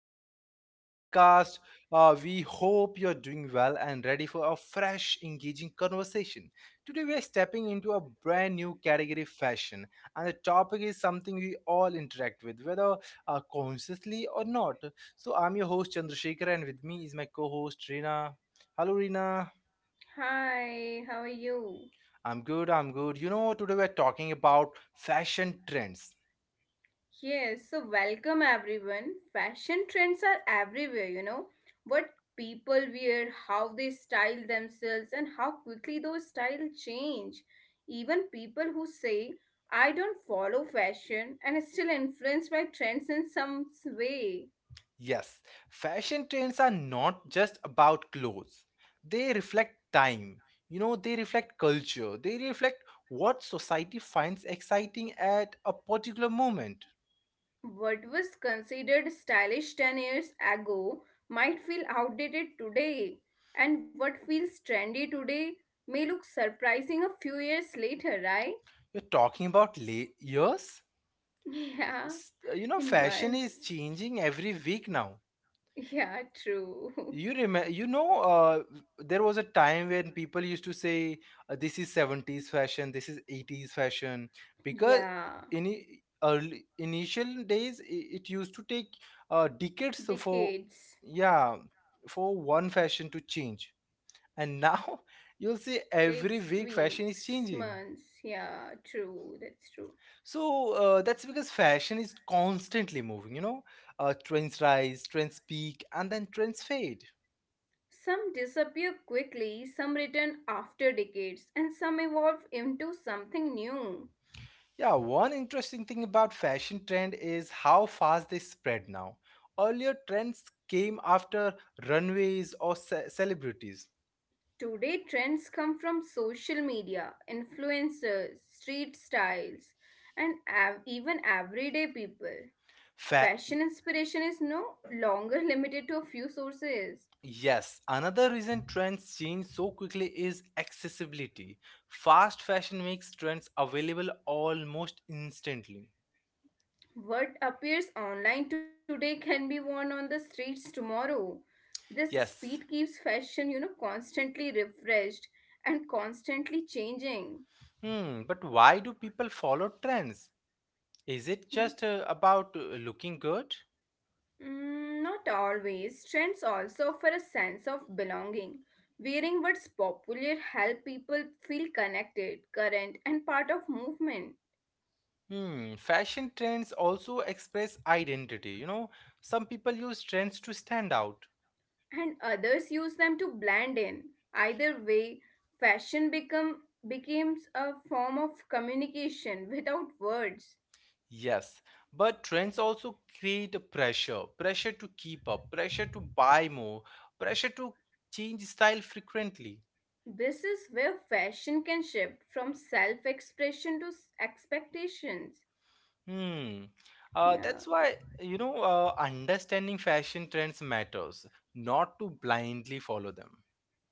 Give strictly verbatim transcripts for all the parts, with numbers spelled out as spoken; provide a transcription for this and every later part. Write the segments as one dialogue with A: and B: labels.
A: back to the new podcast. Uh, we hope you're doing well and ready for a fresh, engaging conversation. Today, we are stepping into a brand new category fashion, and the topic is something we all interact with, whether uh, consciously or not. So, I'm your host, Chandrasekhar, and with me is my co host, Reena. Hello, Reena.
B: Hi, how are you?
A: I'm good, I'm good. You know, today we're talking about fashion trends.
B: Yes, so welcome everyone. Fashion trends are everywhere, you know. What people wear, how they style themselves, and how quickly those styles change. Even people who say, I don't follow fashion and are still influenced by trends in some way.
A: Yes, fashion trends are not just about clothes. They reflect time, you know, they reflect culture, they reflect what society finds exciting at a particular moment.
B: What was considered stylish ten years ago might feel outdated today, and what feels trendy today may look surprising a few years later, right?
A: You're talking about late years?
B: Yeah,
A: S- You know,
B: in
A: fashion
B: months.
A: is changing every week now.
B: Yeah, true.
A: You remember, you know, uh, there was a time when people used to say, uh, "This is seventies fashion, this is eighties fashion," because
B: Yeah,
A: in i- early initial days, i- it used to take uh, decades for
B: decades
A: yeah for one fashion to change, and now you'll see every
B: takes
A: week fashion is
B: weeks,
A: changing.
B: months. Yeah, true, that's true.
A: So uh, that's because fashion is constantly moving. You know, uh, trends rise, trends peak, and then trends fade.
B: Some disappear quickly, some return after decades, and some evolve into something new.
A: Yeah, one interesting thing about fashion trend is how fast they spread now. Earlier trends came after runways or ce- celebrities.
B: Today, trends come from social media, influencers, street styles, and av- even everyday people.
A: Fa-
B: Fashion inspiration is no longer limited to a few sources.
A: yes, another reason trends change so quickly is accessibility. Fast fashion makes trends available almost instantly.
B: What appears online today can be worn on the streets tomorrow. This speed
A: Yes.
B: keeps fashion, you know, constantly refreshed and constantly changing.
A: Hmm, but why do people follow trends? Is it just
B: Hmm.
A: uh, about uh, looking good?
B: Mm, not always. Trends also offer a sense of belonging. Wearing what's popular help people feel connected, current, and part of movement,
A: Hmm, fashion trends also express identity. You know, some people use trends to stand out.
B: and others use them to blend in. Either way, fashion become becomes a form of communication without words.
A: Yes, but trends also create a pressure pressure to keep up, pressure to buy more, pressure to change style frequently.
B: This is where fashion can shift from self-expression to s- expectations.
A: Hmm. Uh,
B: Yeah.
A: that's why, you know, uh, understanding fashion trends matters, not to blindly follow them.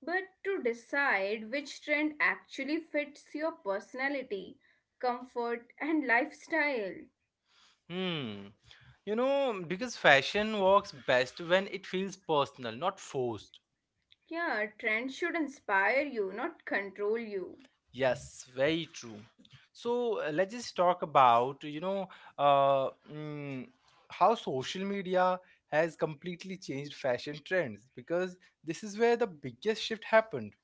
B: But to decide which trend actually fits your personality, comfort, and lifestyle.
A: Hmm. You know, because fashion works best when it feels personal, not forced.
B: Yeah, trends should inspire you, not control you.
A: Yes, very true. So uh, let's just talk about, you know, uh, mm, how social media has completely changed fashion trends because this is where the biggest shift happened.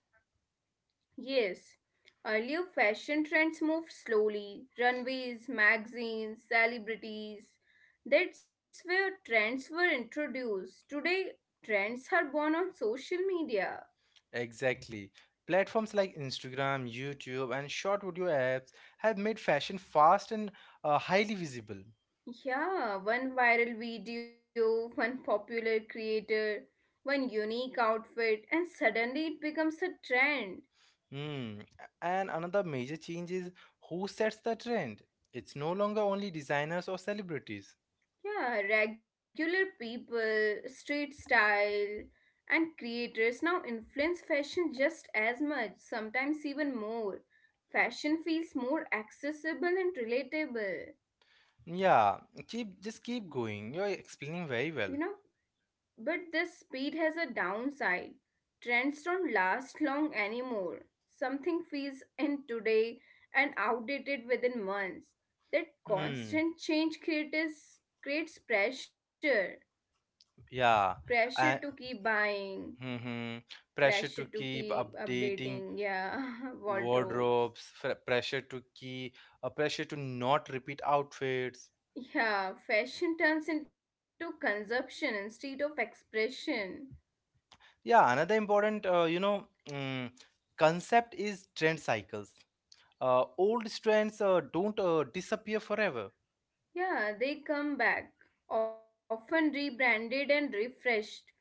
B: Yes, earlier fashion trends moved slowly runways, magazines, celebrities. That's where trends were introduced. Today, trends are born on social media.
A: Exactly. Platforms like Instagram, YouTube, and short video apps have made fashion fast and uh, highly visible.
B: Yeah, one viral video, one popular creator, one unique outfit, and suddenly it becomes a trend.
A: Mm. And another major change is who sets the trend. It's no longer only designers or celebrities.
B: Yeah, regular people, street style, and creators now influence fashion just as much, sometimes even more. Fashion feels more accessible and relatable.
A: Yeah, keep just keep going. You're explaining very
B: You
A: well.
B: know? But this speed has a downside. Trends don't last long anymore. Something feels in today and outdated within months. That
A: Hmm.
B: constant change creates creates pressure.
A: Yeah.
B: Pressure to
A: And
B: keep buying,
A: hmm pressure
B: pressure
A: to
B: to
A: keep
B: keep
A: updating
B: updating, yeah, wardrobes.
A: wardrobes, fr- pressure to keep, uh, pressure to not repeat outfits.
B: Yeah, fashion turns into consumption instead of expression.
A: Yeah, another important, uh, you know, mm, concept is trend cycles. Uh, old trends uh, don't uh, disappear forever.
B: Yeah, they come back, often rebranded and refreshed.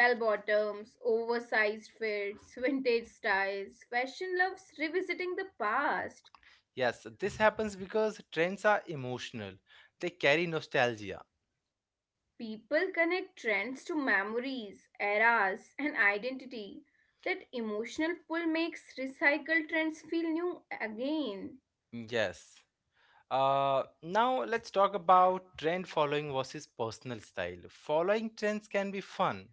B: Bell bottoms, oversized fits, vintage styles. Fashion loves revisiting the past.
A: Yes, this happens because trends are emotional. They carry nostalgia.
B: People connect trends to memories, eras, and identity. That emotional pull makes recycled trends feel new again.
A: Yes. Uh, now let's talk about trend following versus personal style. Following trends can be fun.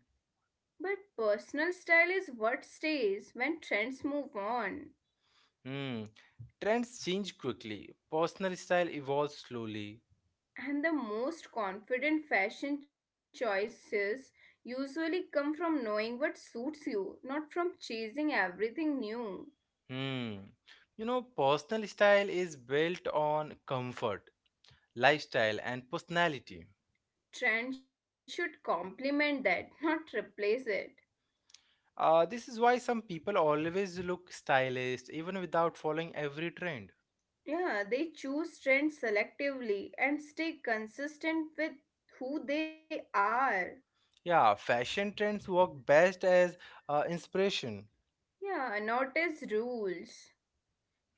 B: But personal style is what stays when trends move on.
A: Hmm. Trends change quickly. Personal style evolves slowly.
B: And the most confident fashion choices usually come from knowing what suits you, not from chasing everything new.
A: Hmm. You know, personal style is built on comfort, lifestyle, and personality.
B: Trends should complement that, not replace it.
A: Uh, this is why some people always look stylish even without following every trend.
B: Yeah, they choose trends selectively and stay consistent with who they are.
A: Yeah, fashion trends work best as uh, inspiration.
B: Yeah, not as rules.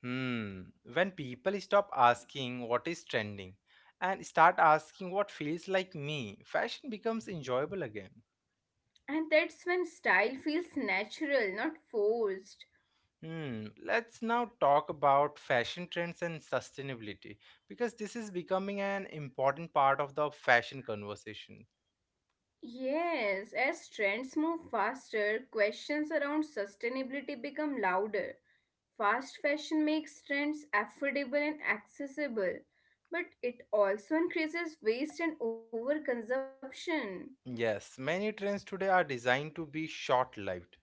A: Hmm. When people stop asking what is trending and start asking what feels like me, fashion becomes enjoyable again.
B: And that's when style feels natural, not forced.
A: Hmm. Let's now talk about fashion trends and sustainability because this is becoming an important part of the fashion conversation.
B: Yes, as trends move faster, questions around sustainability become louder. Fast fashion makes trends affordable and accessible, but it also increases waste and overconsumption.
A: Yes, many trends today are designed to be short-lived.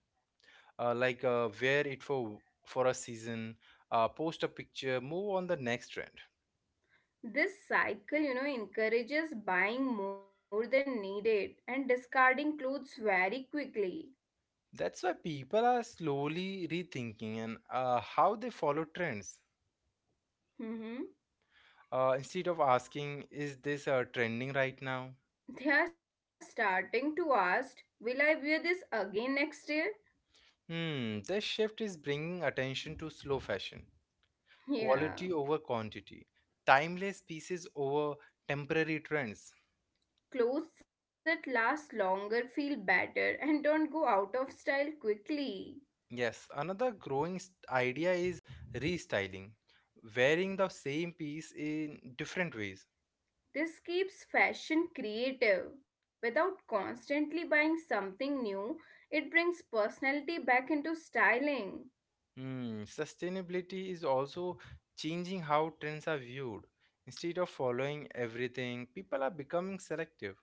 A: Uh, like uh, wear it for for a season, uh, post a picture, move on the next trend.
B: This cycle, you know, encourages buying more than needed and discarding clothes very quickly.
A: That's why people are slowly rethinking and uh, how they follow trends.
B: Hmm.
A: Uh, instead of asking, is this uh, trending right now?
B: They are starting to ask, will I wear this again next year?
A: Hmm, this shift is bringing attention to slow fashion, quality over
B: Yeah.
A: quantity, timeless pieces over temporary trends.
B: Clothes that last longer feel better and don't go out of style quickly.
A: Yes, another growing s- idea is restyling, wearing the same piece in different ways.
B: This keeps fashion creative. Without constantly buying something new, it brings personality back into styling.
A: Hmm, sustainability is also changing how trends are viewed. Instead of following everything, people are becoming selective.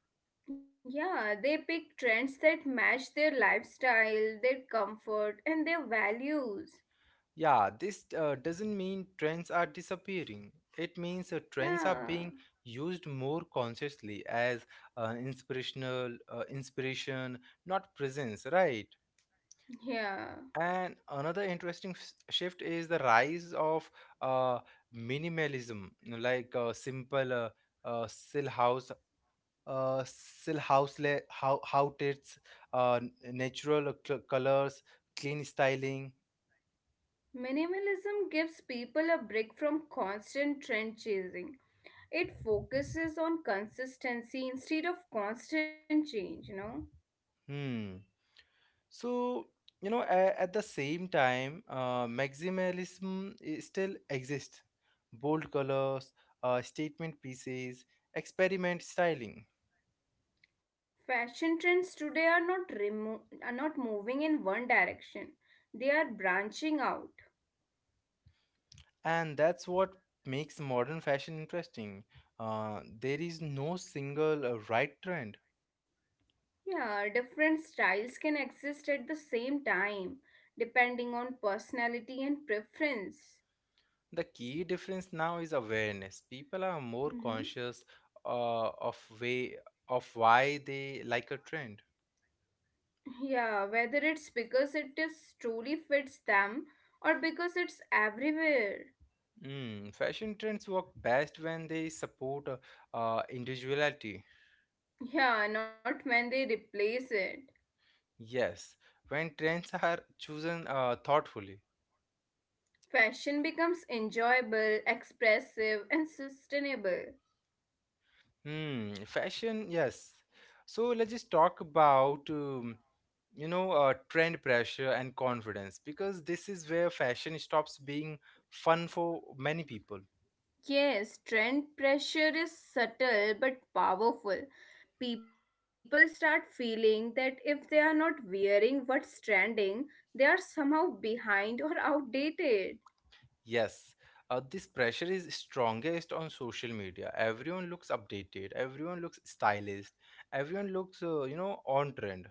B: Yeah, they pick trends that match their lifestyle, their comfort, and their values.
A: Yeah, this uh, doesn't mean trends are disappearing. It means uh, trends are
B: Yeah,
A: being used more consciously as uh, inspirational uh, inspiration, not presence, right?
B: yeah.
A: And another interesting s- shift is the rise of uh, minimalism, like uh, simple uh, uh, still uh, still house le- how how it's uh, natural colors, clean styling.
B: Minimalism gives people a break from constant trend chasing. It focuses on consistency instead of constant change, you know.
A: Hmm. So you know a- at the same time uh, maximalism i- still exists, bold colors, uh, statement pieces, experiment styling.
B: Fashion trends today are not remo- are not moving in one direction. They are branching out.
A: And that's what makes modern fashion interesting. Uh, there is no single uh, right trend.
B: Yeah, different styles can exist at the same time depending on personality and preference.
A: The key difference now is awareness. People are more
B: Hmm.
A: conscious uh, of way of why they like a trend.
B: Yeah, whether it's because it is truly fits them or because it's everywhere.
A: Mm, fashion trends work best when they support uh, uh, individuality.
B: Yeah, not when they replace it.
A: Yes, when trends are chosen uh, thoughtfully.
B: Fashion becomes enjoyable, expressive, and sustainable.
A: Hmm, fashion, yes. So let's just talk about um, you know uh, trend pressure and confidence because this is where fashion stops being fun for many people.
B: Yes, trend pressure is subtle but powerful. People start feeling that if they are not wearing what's trending, they are somehow behind or outdated.
A: Yes, uh, this pressure is strongest on social media. Everyone looks updated, everyone looks stylized, everyone looks, uh, you know, on trend.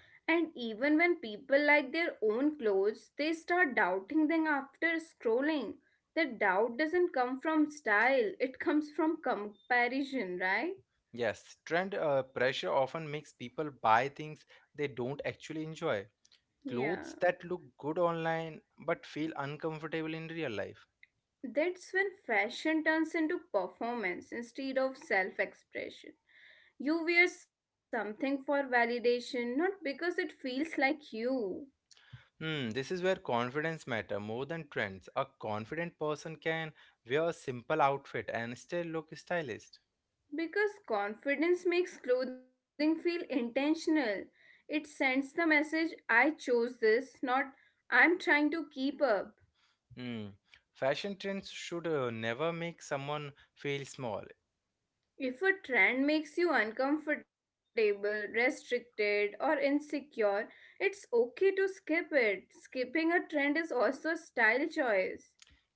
B: And even when people like their own clothes, they start doubting them after scrolling. The doubt doesn't come from style, it comes from comparison, right?
A: Yes, trend uh, pressure often makes people buy things they don't actually enjoy.
B: Yeah.
A: Clothes that look good online but feel uncomfortable in real life.
B: That's when fashion turns into performance instead of self expression. You wear something for validation, not because it feels like you.
A: Hmm, this is where confidence matter more than trends. A confident person can wear a simple outfit and still look stylish.
B: Because confidence makes clothing feel intentional. It sends the message, I chose this, not I'm trying to keep up.
A: Hmm. Fashion trends should uh, never make someone feel small.
B: If a trend makes you uncomfortable, restricted, or insecure, it's okay to skip it. Skipping a trend is also a style choice.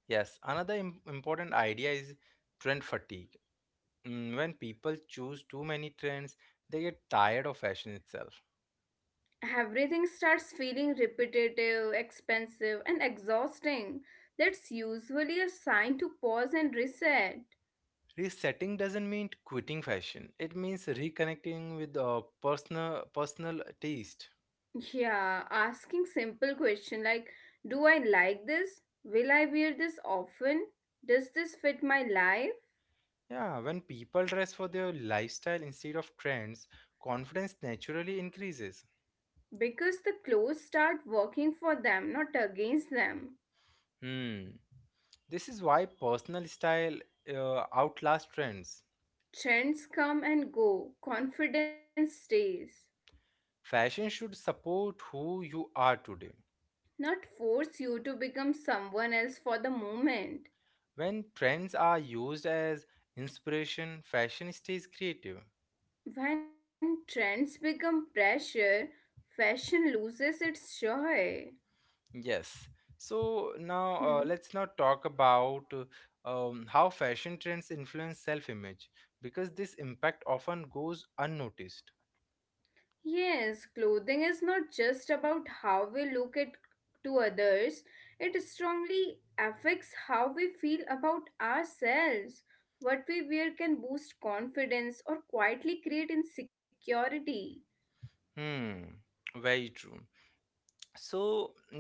A: Yes, another im- important idea is trend fatigue. Mm, when people choose too many trends, they get tired of fashion itself.
B: Everything starts feeling repetitive, expensive, and exhausting. That's usually a sign to pause and reset.
A: Resetting doesn't mean quitting fashion. It means reconnecting with uh, personal personal taste.
B: Yeah, asking simple question like do I like this? Will I wear this often? Does this fit my life?
A: Yeah, when people dress for their lifestyle instead of trends, confidence naturally increases.
B: Because the clothes start working for them, not against them.
A: Hmm. This is why personal style uh, outlasts trends.
B: Trends come and go, confidence stays.
A: Fashion should support who you are today.
B: Not force you to become someone else for the moment.
A: When trends are used as inspiration, fashion stays creative.
B: When trends become pressure, fashion loses its joy.
A: Yes. So now uh,
B: Hmm.
A: let's now talk about uh, um, how fashion trends influence self-image because this impact often goes unnoticed.
B: Yes, clothing is not just about how we look at to others, it strongly affects how we feel about ourselves. What we wear can boost confidence or quietly create insecurity.
A: Hmm, very true. So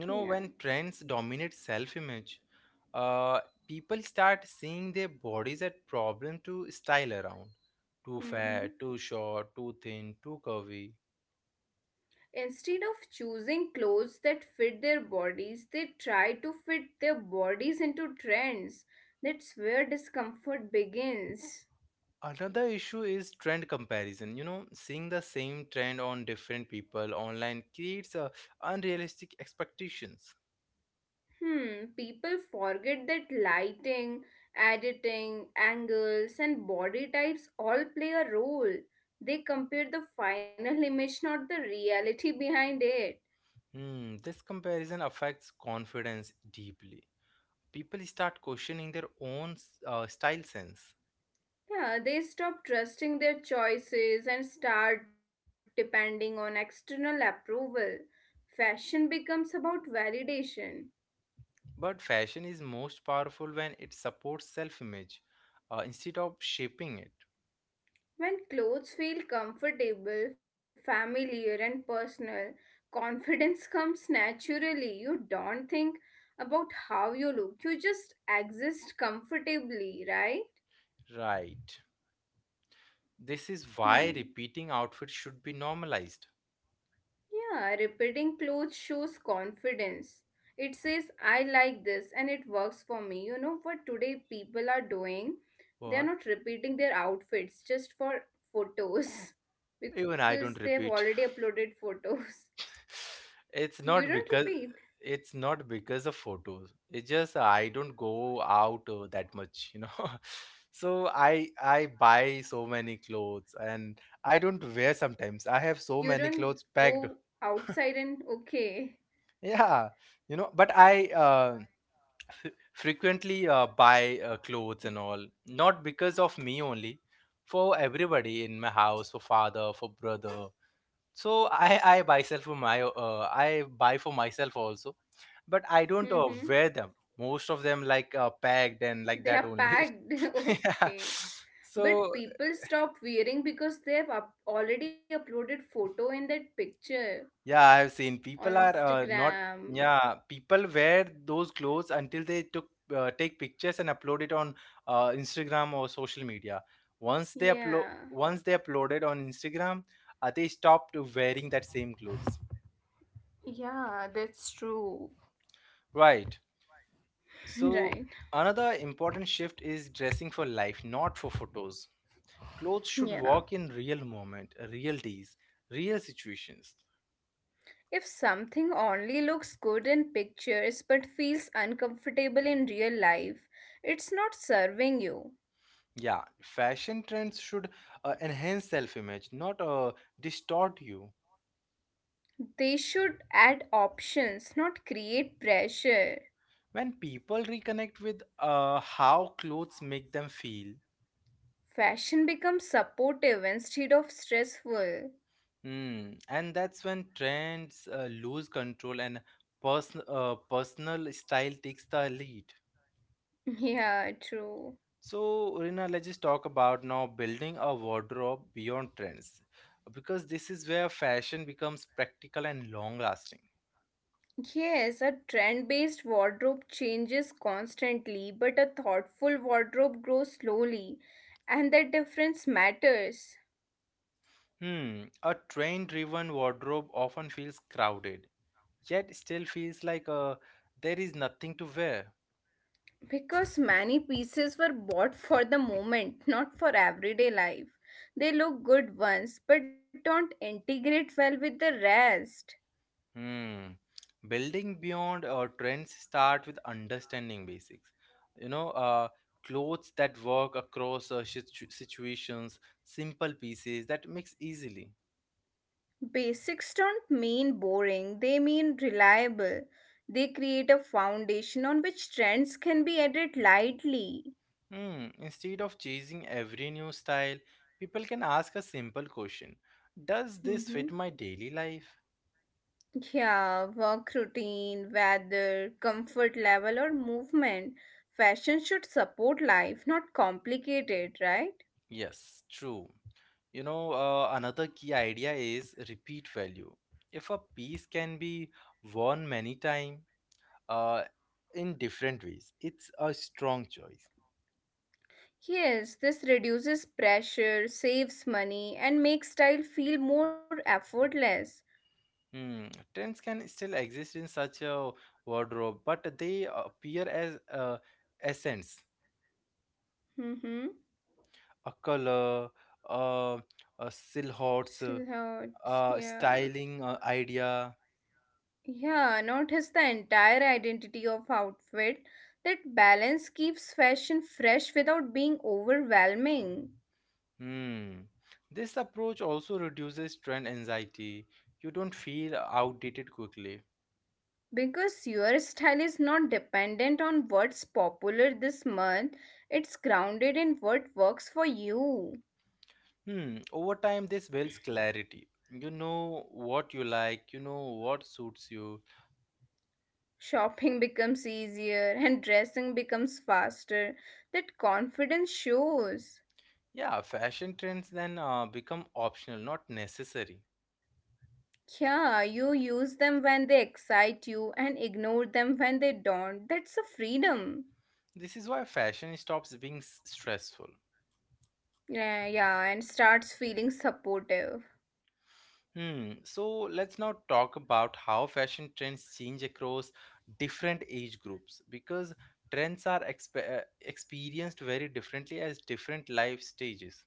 A: you know
B: Yeah.
A: when trends dominate self-image, uh, people start seeing their bodies as problem to style around, too fat, too
B: Mm-hmm.
A: short, too thin, too curvy.
B: Instead of choosing clothes that fit their bodies, they try to fit their bodies into trends. That's where discomfort begins.
A: Another issue is trend comparison. You know, seeing the same trend on different people online creates uh, unrealistic expectations.
B: Hmm, people forget that lighting, editing, angles, and body types all play a role. They compare the final image, not the reality behind it.
A: Hmm, this comparison affects confidence deeply. People start questioning their own s- uh, style sense.
B: Yeah, they stop trusting their choices and start depending on external approval. Fashion becomes about validation.
A: But fashion is most powerful when it supports self image uh, instead of shaping it.
B: When clothes feel comfortable, familiar, and personal, confidence comes naturally. You don't think about how you look, you just exist comfortably, right?
A: Right. This is why
B: Hmm.
A: repeating outfits should be normalized.
B: Yeah, repeating clothes shows confidence. It says, I like this and it works for me. You know what today people are doing? They
A: What?
B: are not repeating their outfits just for photos
A: Even I don't
B: because they have
A: repeat.
B: already uploaded photos.
A: it's
B: You
A: not
B: don't
A: because,
B: repeat.
A: it's not because of photos, it's just I don't go out uh, that much, you know. so i i buy so many clothes and I don't wear, sometimes I have
B: You
A: so many
B: don't
A: clothes
B: go
A: packed.
B: outside and okay.
A: yeah, you know, but i uh, f- frequently uh, buy uh, clothes and all, not because of me only, for everybody in my house, for father, for brother. So i i myself, for my uh, I buy for myself also, but I don't uh,
B: Mm-hmm.
A: wear them most of them, like uh, packed and like
B: They are
A: that only.
B: packed.
A: yeah.
B: Okay.
A: So
B: But people stop wearing because they have up- already uploaded photo in that picture
A: yeah, I have seen
B: on
A: people are uh, not.
B: Instagram.
A: Yeah, people wear those clothes until they took uh, take pictures and upload it on uh, Instagram or social media. Once they upload,
B: Yeah.
A: once they uploaded on Instagram, uh, they stopped wearing that same clothes.
B: Yeah, that's true.
A: Right. So
B: Right.
A: another important shift is dressing for life, not for photos. Clothes should
B: Yeah.
A: work in real moment, real days, real situations.
B: If something only looks good in pictures but feels uncomfortable in real life, it's not serving you.
A: Yeah, fashion trends should uh, enhance self image, not uh, distort you.
B: They should add options, not create pressure.
A: When people reconnect with uh, how clothes make them feel,
B: Fashion becomes supportive instead of stressful.
A: mm, and that's when trends uh, lose control and person uh, personal style takes the lead.
B: Yeah, true.
A: So, Rina, let's just talk about now building a wardrobe beyond trends because this is where fashion becomes practical and long lasting.
B: Yes, a trend based wardrobe changes constantly, but a thoughtful wardrobe grows slowly, and the difference matters
A: Hmm, a trend driven wardrobe often feels crowded yet still feels like uh, there is nothing to wear.
B: because many pieces were bought for the moment, not for everyday life. They look good once but don't integrate well with the rest.
A: Hmm. Building beyond uh, trends start with understanding basics. You know, uh, Clothes that work across uh, situ- situations, simple pieces that mix easily.
B: Basics don't mean boring, they mean reliable. They create a foundation on which trends can be added lightly.
A: Hmm. Instead of chasing every new style, people can ask a simple question: Does this
B: Mm-hmm.
A: fit my daily life?
B: Yeah, work routine, weather, comfort level, or movement. Fashion should support life, not complicate it, right?
A: Yes, true. You know, uh, another key idea is repeat value. If a piece can be worn many times uh, in different ways, it's a strong choice.
B: Yes, this reduces pressure, saves money, and makes style feel more effortless.
A: Hmm. Trends can still exist in such a wardrobe, but they appear as uh, essence,
B: Mm-hmm.
A: a color, uh, a silhouettes, uh,
B: Silhouettes,
A: a
B: yeah.
A: styling uh, idea.
B: Yeah, notice the entire identity of outfit. That balance keeps fashion fresh without being overwhelming.
A: Hmm. This approach also reduces trend anxiety. You don't feel outdated quickly.
B: Because your style is not dependent on what's popular this month, it's grounded in what works for you.
A: Hmm. Over time, this builds clarity. You know what you like, you know what suits you.
B: Shopping becomes easier and dressing becomes faster. That confidence shows.
A: Yeah, fashion trends then uh, become optional, not necessary.
B: Yeah, you use them when they excite you and ignore them when they don't. That's a freedom.
A: This is why fashion stops being s- stressful.
B: Yeah, yeah, and starts feeling supportive.
A: Hmm. So let's now talk about how fashion trends change across different age groups because trends are exp- uh, experienced very differently as different life stages.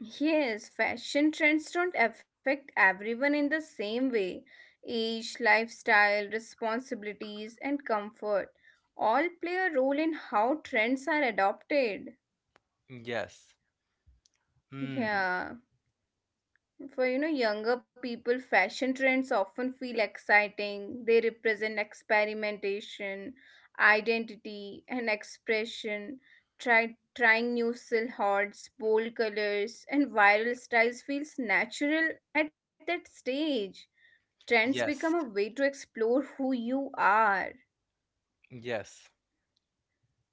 B: Yes, fashion trends don't affect everyone in the same way. Age, lifestyle, responsibilities, and comfort all play a role in how trends are adopted.
A: Yes. Hmm.
B: Yeah. For you know younger people, fashion trends often feel exciting. They represent experimentation, identity, and expression. Try trying new silhouettes, bold colors, and viral styles feels natural at that stage. Trends become
A: Yes.
B: a way to explore who you are.
A: Yes.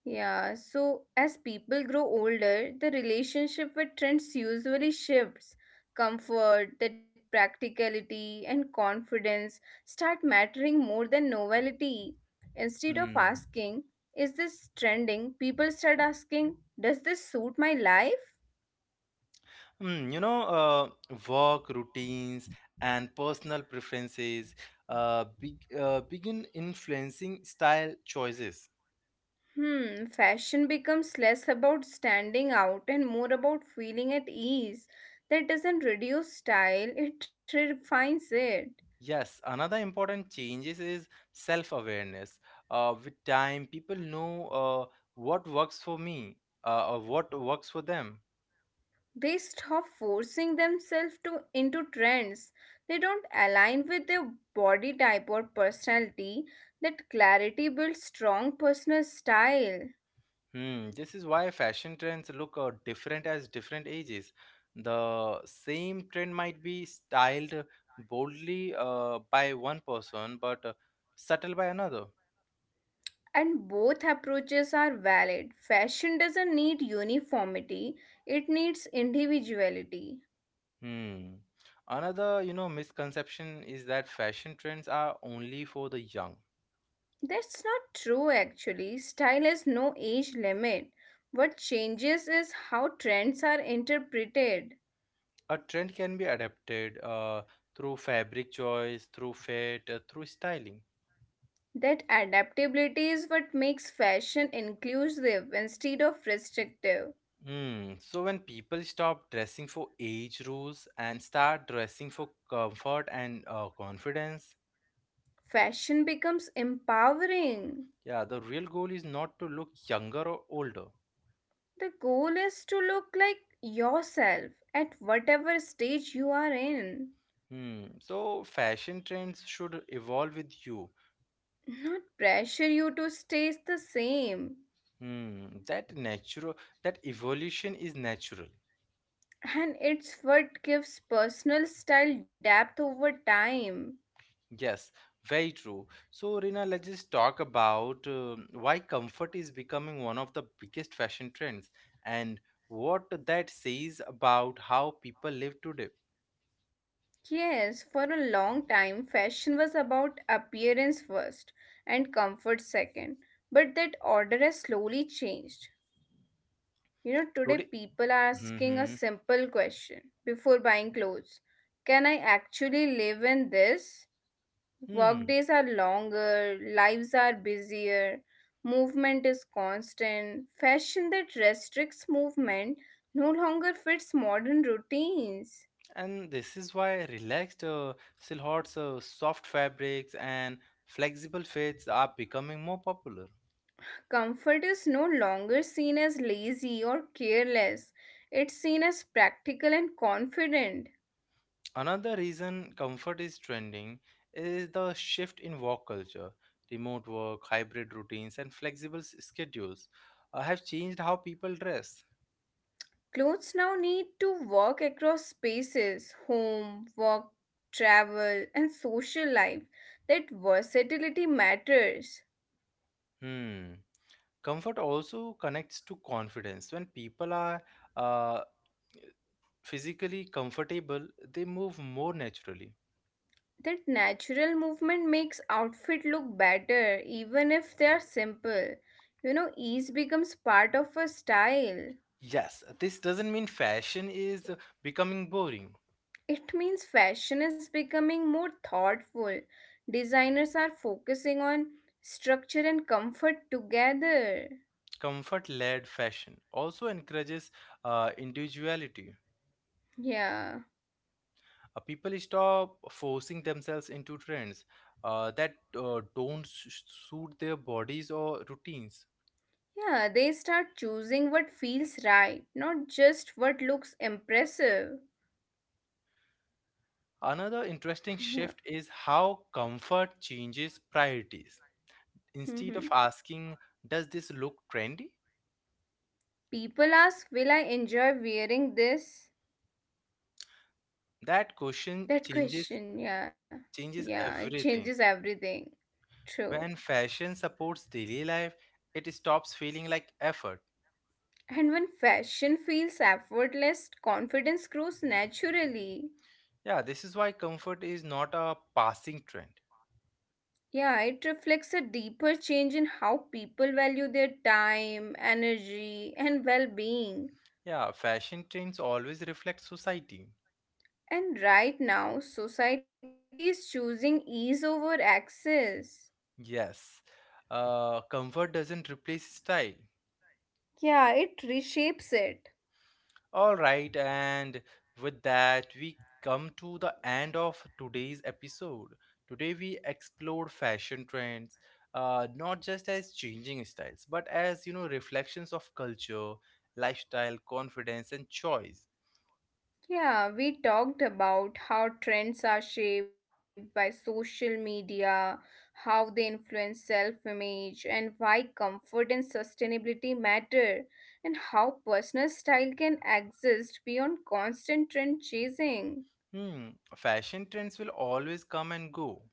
B: Yeah, so as people grow older, the relationship with trends usually shifts. Comfort, that practicality, and confidence start mattering more than novelty. Instead of
A: Hmm.
B: asking, is this trending? People start asking, does this suit my life?
A: Hmm. You know, uh, work routines and personal preferences uh, big, uh, begin influencing style choices.
B: Hmm, fashion becomes less about standing out and more about feeling at ease. That doesn't reduce style, it refines it.
A: Yes, another important changes is self-awareness. Uh, with time, people know uh, what works for me uh, or what works for them.
B: They stop forcing themselves to into trends they don't align with their body type or personality. That clarity builds strong personal style.
A: Hmm, this is why fashion trends look uh, different as different ages. The same trend might be styled boldly uh, by one person, but uh, subtle by another.
B: And both approaches are valid. Fashion doesn't need uniformity, it needs individuality.
A: Hmm. Another, you know, misconception is that fashion trends are only for the young.
B: That's not true actually, style has no age limit. What changes is how trends are interpreted.
A: A trend can be adapted uh, through fabric choice, through fit, uh, through styling.
B: That adaptability is what makes fashion inclusive instead of restrictive.
A: Hmm. So when people stop dressing for age rules and start dressing for comfort and uh, confidence,
B: Fashion becomes empowering.
A: yeah, the real goal is not to look younger or older.
B: The goal is to look like yourself at whatever stage you are in,
A: Hmm. So fashion trends should evolve with you.
B: not pressure you to stay the same.
A: Hmm. That natural, that evolution is natural.
B: And it's what gives personal style depth over time.
A: Yes, very true. So, Rina, let's just talk about um why comfort is becoming one of the biggest fashion trends and what that says about how people live today.
B: Yes, for a long time, fashion was about appearance first and comfort second. But that order has slowly changed. You know, today
A: Today,
B: people are asking a
A: hmm
B: simple question before buying clothes. Can I actually live in this?
A: hmm.
B: Workdays are longer, lives are busier, movement is constant. Fashion that restricts movement no longer fits modern routines.
A: And this is why relaxed uh, silhouettes, uh, soft fabrics, and flexible fits are becoming more popular.
B: Comfort is no longer seen as lazy or careless. It's seen as practical and confident.
A: Another reason comfort is trending is the shift in work culture. Remote work, hybrid routines, and flexible s- schedules uh, have changed how people dress.
B: Clothes now need to work across spaces home, work, travel, and social life. That versatility matters.
A: Hmm. Comfort also connects to confidence. When people are uh, physically comfortable, they move more naturally.
B: That natural movement makes outfit look better even if they are simple. You know, ease becomes part of a style.
A: Yes, this doesn't mean fashion is becoming boring.
B: It means fashion is becoming more thoughtful. Designers are focusing on structure and comfort together.
A: Comfort led fashion also encourages uh, individuality.
B: Yeah.
A: Uh, people stop forcing themselves into trends uh, that uh, don't s- suit their bodies or routines.
B: Yeah, they start choosing what feels right, not just what looks impressive.
A: Another interesting
B: Yeah.
A: shift is how comfort changes priorities. Instead of
B: Hmm.
A: asking, "Does this look trendy?"
B: People ask, will I enjoy wearing this?
A: that question
B: That
A: changes
B: question, yeah.
A: changes
B: Yeah, it
A: everything.
B: changes everything. True.
A: When fashion supports daily life, it stops feeling like effort.
B: And when fashion feels effortless, confidence grows naturally.
A: Yeah, this is why comfort is not a passing trend.
B: Yeah, it reflects a deeper change in how people value their time, energy, and well being.
A: Yeah, fashion trends always reflect society.
B: And right now, society is choosing ease over access.
A: Yes, uh, comfort doesn't replace style.
B: Yeah, it reshapes it.
A: All right, and with that, we come to the end of today's episode. Today, we explored fashion trends, uh, not just as changing styles, but as you know, reflections of culture, lifestyle, confidence, and choice.
B: Yeah, we talked about how trends are shaped by social media, how they influence self image, and why comfort and sustainability matter, and how personal style can exist beyond constant trend chasing.
A: Hmm, fashion trends will always come and go.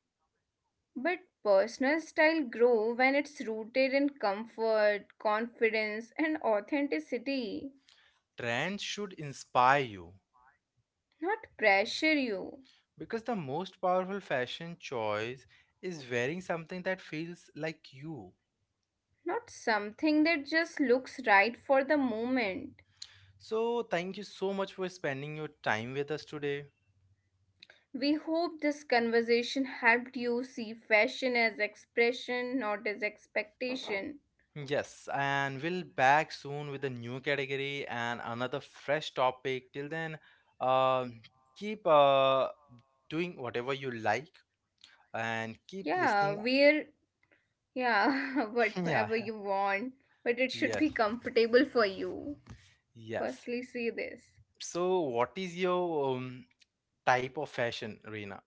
B: But personal style grow when it's rooted in comfort, confidence, and authenticity,
A: Trends should inspire you,
B: not pressure you,
A: because the most powerful fashion choice is wearing something that feels like you.
B: not something that just looks right for the moment.
A: So, thank you so much for spending your time with us today.
B: We hope this conversation helped you see fashion as expression, not as expectation.
A: Yes, and we'll back soon with a new category and another fresh topic. Till then, um, keep uh, doing whatever you like and keep
B: Yeah,
A: listening.
B: wear, yeah, whatever
A: Yeah,
B: you want, but it should be
A: yes,
B: comfortable for you.
A: yes.
B: Firstly, see this.
A: So, what is your um, type of fashion, Reena,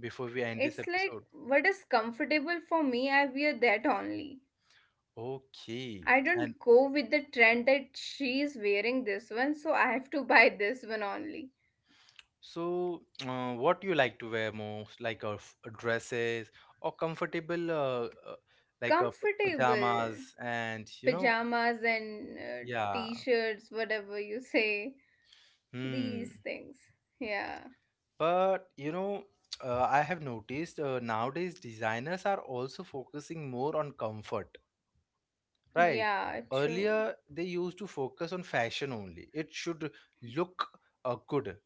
A: before we end this
B: It's like
A: episode?
B: what is comfortable for me, I wear that only.
A: Okay.
B: I
A: And
B: don't go with the trend that she is wearing this one, so I have to buy this one only.
A: so, uh, what you like to wear most, like uh, f- uh, dresses or comfortable, uh, uh, like uh, p-
B: Comfortable.
A: pajamas, and you know,
B: Pajamas and uh,
A: yeah.
B: t-shirts whatever you say
A: Hmm.
B: these things. Yeah.
A: But you know, uh, I have noticed uh, nowadays designers are also focusing more on comfort, right?
B: Yeah, true.
A: Earlier, they used to focus on fashion only. It should look uh, good.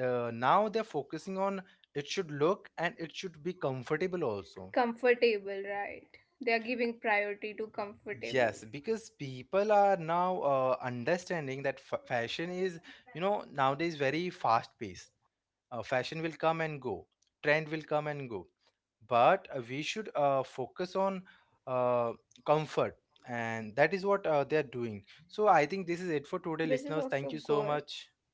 A: Uh, now they're focusing on it should look and it should be comfortable also.
B: Comfortable, right. They are giving priority to comfortable.
A: Yes, because people are now uh, understanding that f- fashion is, you know, nowadays very fast paced. Uh, fashion will come and go, trend
B: Yeah,
A: will come and go. But uh, we should uh, focus on uh, comfort, and that is what uh, they are doing. So I think this is it for today, listeners.
B: which
A: Thank you
B: is
A: so
B: also
A: much.
B: good.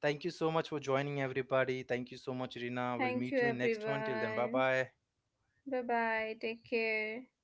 A: Thank you so much for joining, everybody. Thank you so much, Rina. We'll
B: Thank you
A: meet you in next one. Till then, bye
B: everyone.
A: bye.
B: Bye bye, take care.